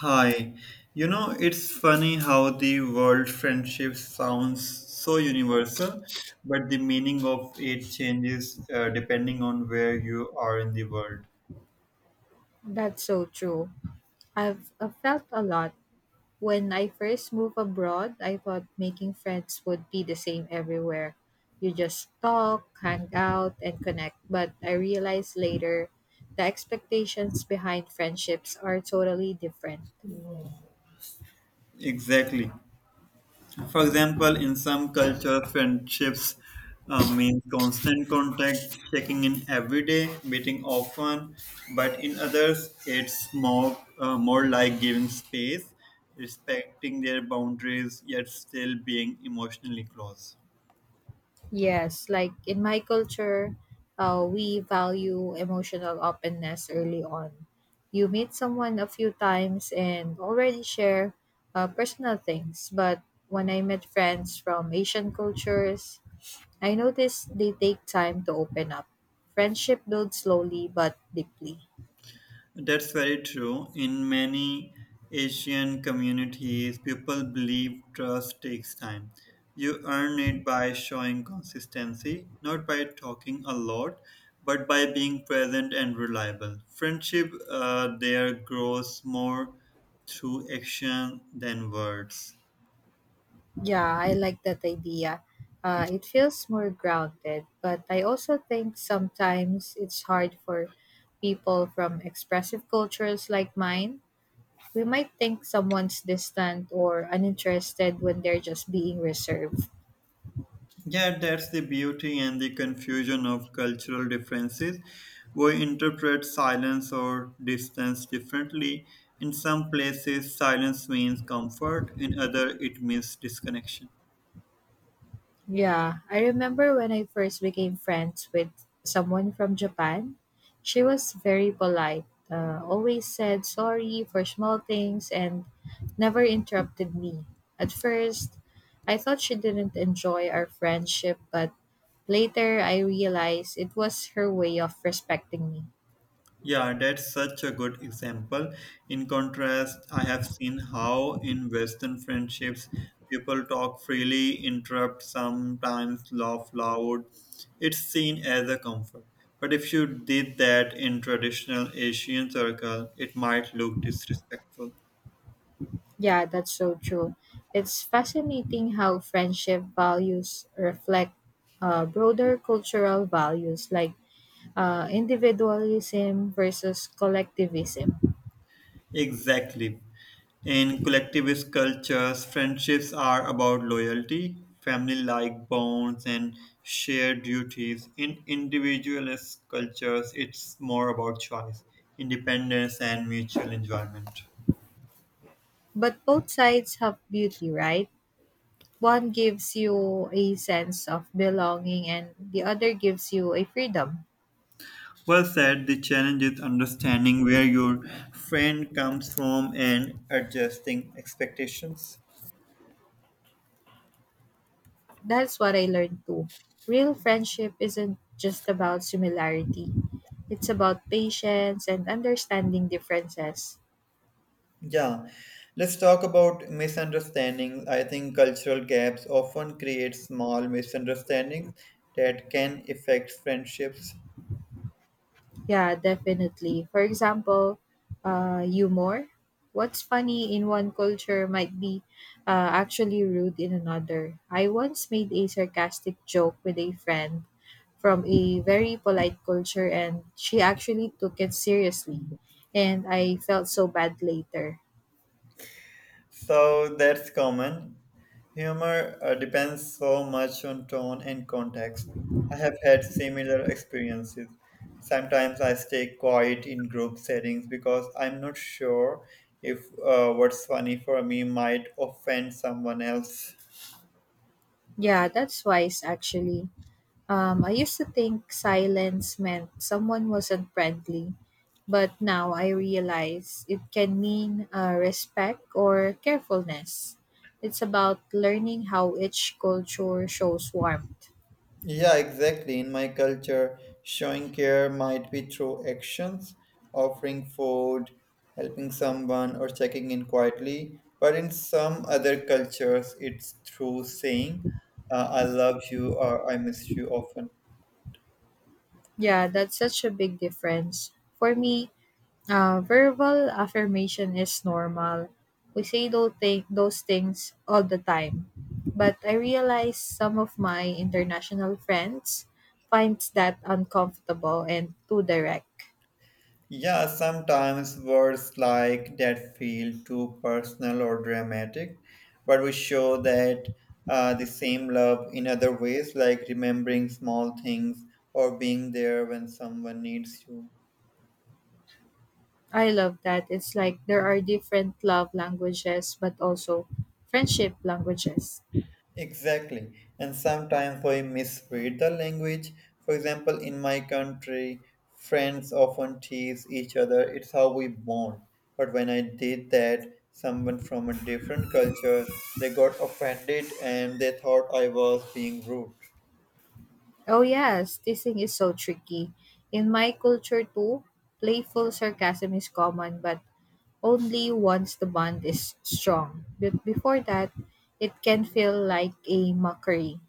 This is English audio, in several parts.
Hi. You know, it's funny how the world friendship sounds so universal, but the meaning of it changes depending on where you are in the world. That's so true. I've felt a lot. When I first moved abroad, I thought making friends would be the same everywhere. You just talk, hang out, and connect. But I realized later the expectations behind friendships are totally different. Exactly. For example, in some cultures, friendships means constant contact, checking in every day, meeting often, but in others, it's more like giving space, respecting their boundaries, yet still being emotionally close. Yes, like in my culture, we value emotional openness early on. You meet someone a few times and already share personal things, but when I met friends from Asian cultures, I noticed they take time to open up. Friendship builds slowly but deeply. That's very true. In many Asian communities, people believe trust takes time. You earn it by showing consistency, not by talking a lot, but by being present and reliable. Friendship there grows more through action than words. Yeah, I like that idea. It feels more grounded, but I also think sometimes it's hard for people from expressive cultures like mine. We might think someone's distant or uninterested when they're just being reserved. Yeah, that's the beauty and the confusion of cultural differences. We interpret silence or distance differently. In some places, silence means comfort, in other, it means disconnection. Yeah, I remember when I first became friends with someone from Japan. She was very polite, always said sorry for small things, and never interrupted me. At first, I thought she didn't enjoy our friendship, but later I realized it was her way of respecting me. Yeah, that's such a good example. In contrast, I have seen how in Western friendships people talk freely, interrupt, sometimes laugh loud. It's seen as a comfort. But if you did that in traditional Asian circle, it might look disrespectful. Yeah, that's so true. It's fascinating how friendship values reflect broader cultural values like individualism versus collectivism. Exactly. In collectivist cultures, friendships are about loyalty, family like bonds, and shared duties. In individualist cultures, it's more about choice, independence, and mutual enjoyment. But both sides have beauty, right? One gives you a sense of belonging, and the other gives you a freedom. Well said, the challenge is understanding where your friend comes from and adjusting expectations. That's what I learned too. Real friendship isn't just about similarity, it's about patience and understanding differences. Yeah, let's talk about misunderstandings. I think cultural gaps often create small misunderstandings that can affect friendships. Yeah, definitely. For example, humor. What's funny in one culture might be actually rude in another. I once made a sarcastic joke with a friend from a very polite culture, and she actually took it seriously. And I felt so bad later. So that's common. Humor depends so much on tone and context. I have had similar experiences. Sometimes I stay quiet in group settings because I'm not sure if what's funny for me might offend someone else. Yeah, that's wise actually. I used to think silence meant someone wasn't friendly, but now I realize it can mean respect or carefulness. It's about learning how each culture shows warmth. Yeah, exactly. In my culture, showing care might be through actions, offering food, helping someone, or checking in quietly. But in some other cultures, it's through saying, I love you or I miss you often. Yeah, that's such a big difference. For me, verbal affirmation is normal. We say those things all the time. But I realize some of my international friends finds that uncomfortable and too direct. Yeah, sometimes words like that feel too personal or dramatic, but we show that the same love in other ways, like remembering small things or being there when someone needs you. I love that. It's like there are different love languages, but also friendship languages. Exactly. And sometimes we misread the language. For example, in my country, friends often tease each other. It's how we bond. But when I did that, someone from a different culture, they got offended and they thought I was being rude. Oh, yes, this thing is so tricky. In my culture, too, playful sarcasm is common, but only once the bond is strong. But before that, it can feel like a mockery.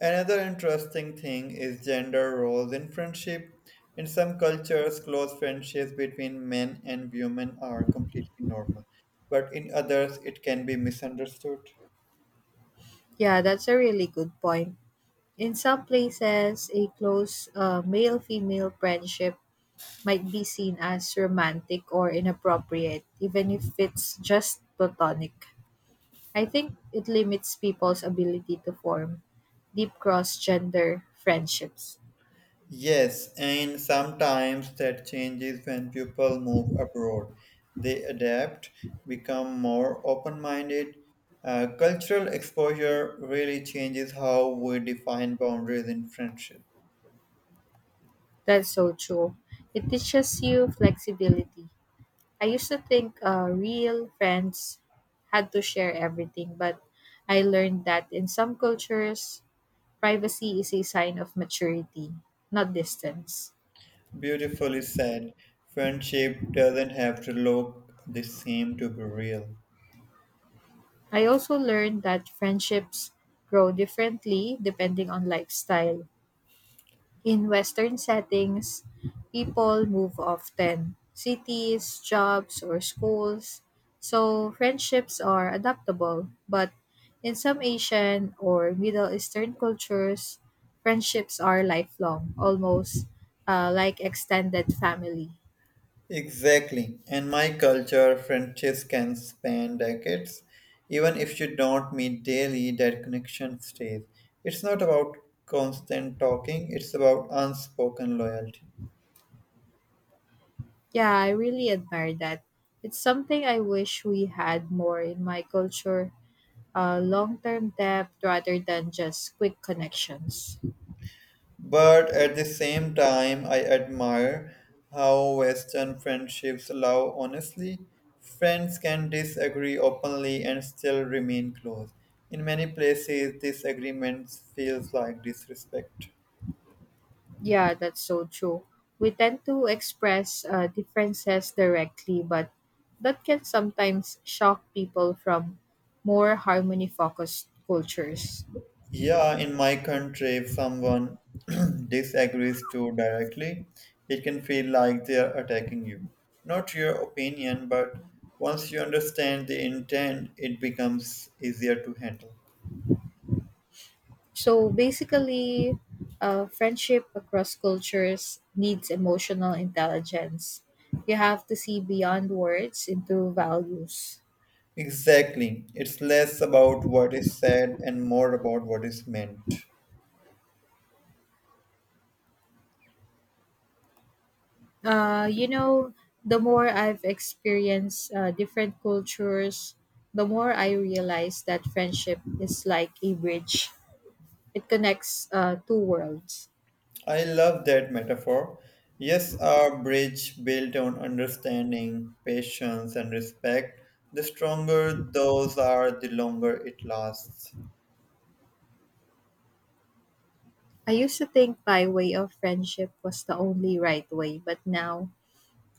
Another interesting thing is gender roles in friendship. In some cultures, close friendships between men and women are completely normal, but in others, it can be misunderstood. Yeah, that's a really good point. In some places, a close male female friendship might be seen as romantic or inappropriate, even if it's just platonic. I think it limits people's ability to form deep cross gender friendships. Yes, and sometimes that changes when people move abroad. They adapt, become more open minded. Cultural exposure really changes how we define boundaries in friendship. That's so true. It teaches you flexibility. I used to think real friends had to share everything, but I learned that in some cultures, privacy is a sign of maturity, not distance. Beautifully said, friendship doesn't have to look the same to be real. I also learned that friendships grow differently depending on lifestyle. In Western settings, people move often cities, jobs, or schools, so friendships are adaptable. But in some Asian or Middle Eastern cultures, friendships are lifelong, almost like extended family. Exactly. And my culture, friendships can span decades. Even if you don't meet daily, that connection stays. It's not about constant talking, it's about unspoken loyalty. Yeah, I really admire that. It's something I wish we had more in my culture long term depth rather than just quick connections. But at the same time, I admire how Western friendships allow honesty. Friends can disagree openly and still remain close. In many places, disagreements feels like disrespect. Yeah, that's so true. We tend to express differences directly, but that can sometimes shock people from more harmony focused cultures. Yeah, in my country, if someone disagrees too directly, it can feel like they are attacking you. Not your opinion, but once you understand the intent, it becomes easier to handle. So basically, friendship across cultures needs emotional intelligence. You have to see beyond words into values. Exactly. It's less about what is said and more about what is meant. You know, the more I've experienced different cultures, the more I realize that friendship is like a bridge. It connects two worlds. I love that metaphor. Yes, our bridge built on understanding, patience, and respect. The stronger those are, the longer it lasts. I used to think my way of friendship was the only right way, but now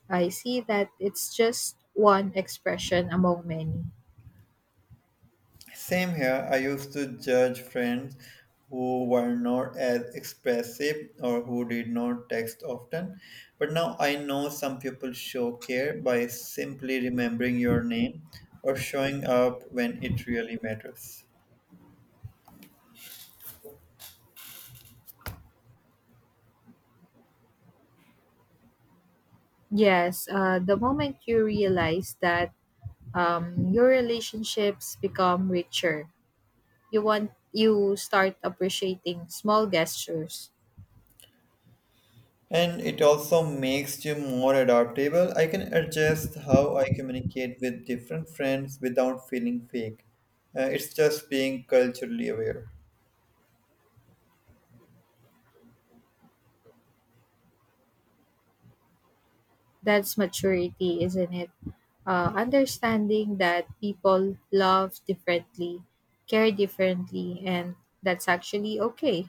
I see that it's just one expression among many. Same here. I used to judge friends who were not as expressive or who did not text often. But now I know some people show care by simply remembering your name or showing up when it really matters. Yes, the moment you realize that your relationships become richer, you start appreciating small gestures. And it also makes you more adaptable. I can adjust how I communicate with different friends without feeling fake. It's just being culturally aware. That's maturity, isn't it? Understanding that people love differently, care differently, and that's actually okay,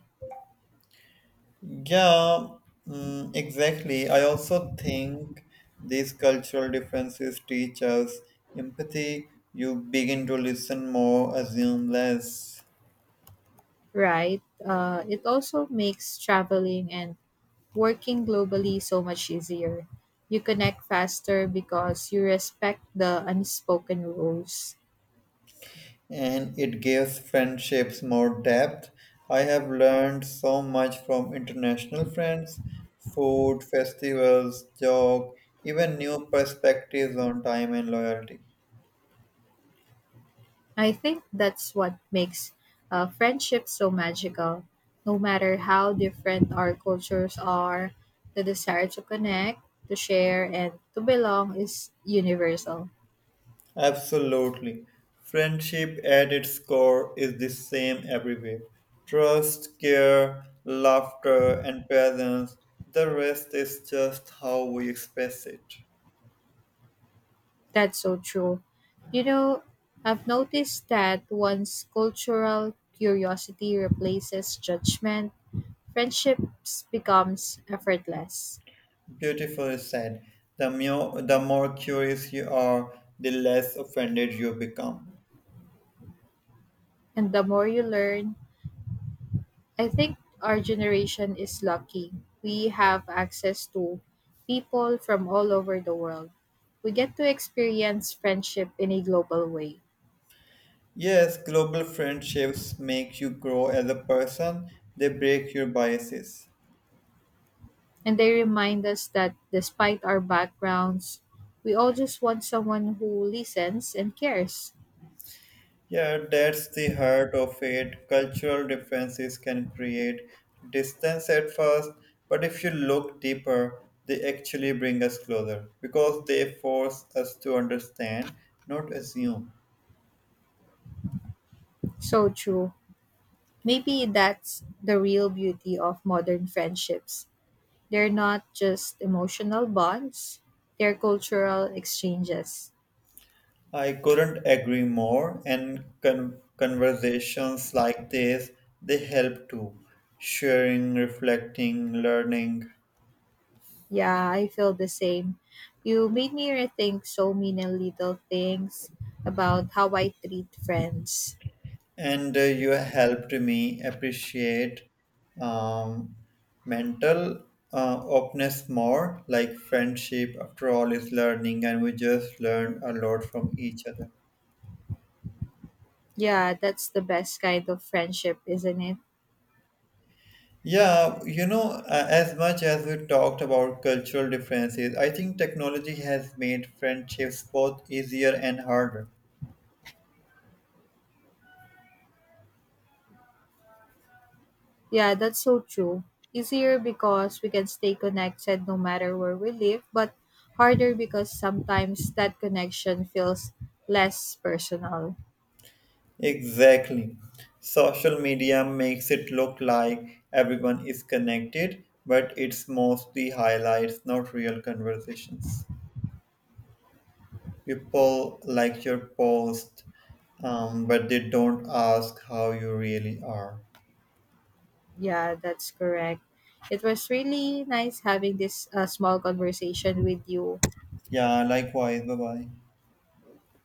Yeah, exactly. I also think these cultural differences teach us empathy. You begin to listen more, assume less, right? It also makes traveling and working globally so much easier. You connect faster because you respect the unspoken rules. and it gives friendships more depth. I have learned so much from international friends, food, festivals, job, even new perspectives on time and loyalty. I think that's what makes friendship so magical. No matter how different our cultures are, the desire to connect, to share, and to belong is universal. Absolutely. Friendship at its core is the same everywhere trust, care, laughter, and presence. The rest is just how we express it. That's so true. You know, I've noticed that once cultural curiosity replaces judgment, friendships becomes effortless. Beautifully said. The more curious you are, the less offended you become. And the more you learn, I think our generation is lucky. We have access to people from all over the world. We get to experience friendship in a global way. Yes, global friendships make you grow as a person, they break your biases. And they remind us that despite our backgrounds, we all just want someone who listens and cares. Yeah, that's the heart of it. Cultural differences can create distance at first, but if you look deeper, they actually bring us closer because they force us to understand, not assume. So true. Maybe that's the real beauty of modern friendships. They're not just emotional bonds, they're cultural exchanges. I couldn't agree more, and conversations like this they help too. Sharing, reflecting, learning. Yeah, I feel the same. You made me rethink so many little things about how I treat friends. And you helped me appreciate um, mental openness. More like friendship after all is learning, and we just learned a lot from each other. Yeah, that's the best kind of friendship, isn't it? Yeah, you know, as much as we talked about cultural differences, I think technology has made friendships both easier and harder. Yeah, that's so true. Easier because we can stay connected no matter where we live, but harder because sometimes that connection feels less personal. Exactly. Social media makes it look like everyone is connected, but it's mostly highlights, not real conversations. People like your post, but they don't ask how you really are. Yeah, that's correct. It was really nice having this small conversation with you. Yeah, likewise. Bye bye.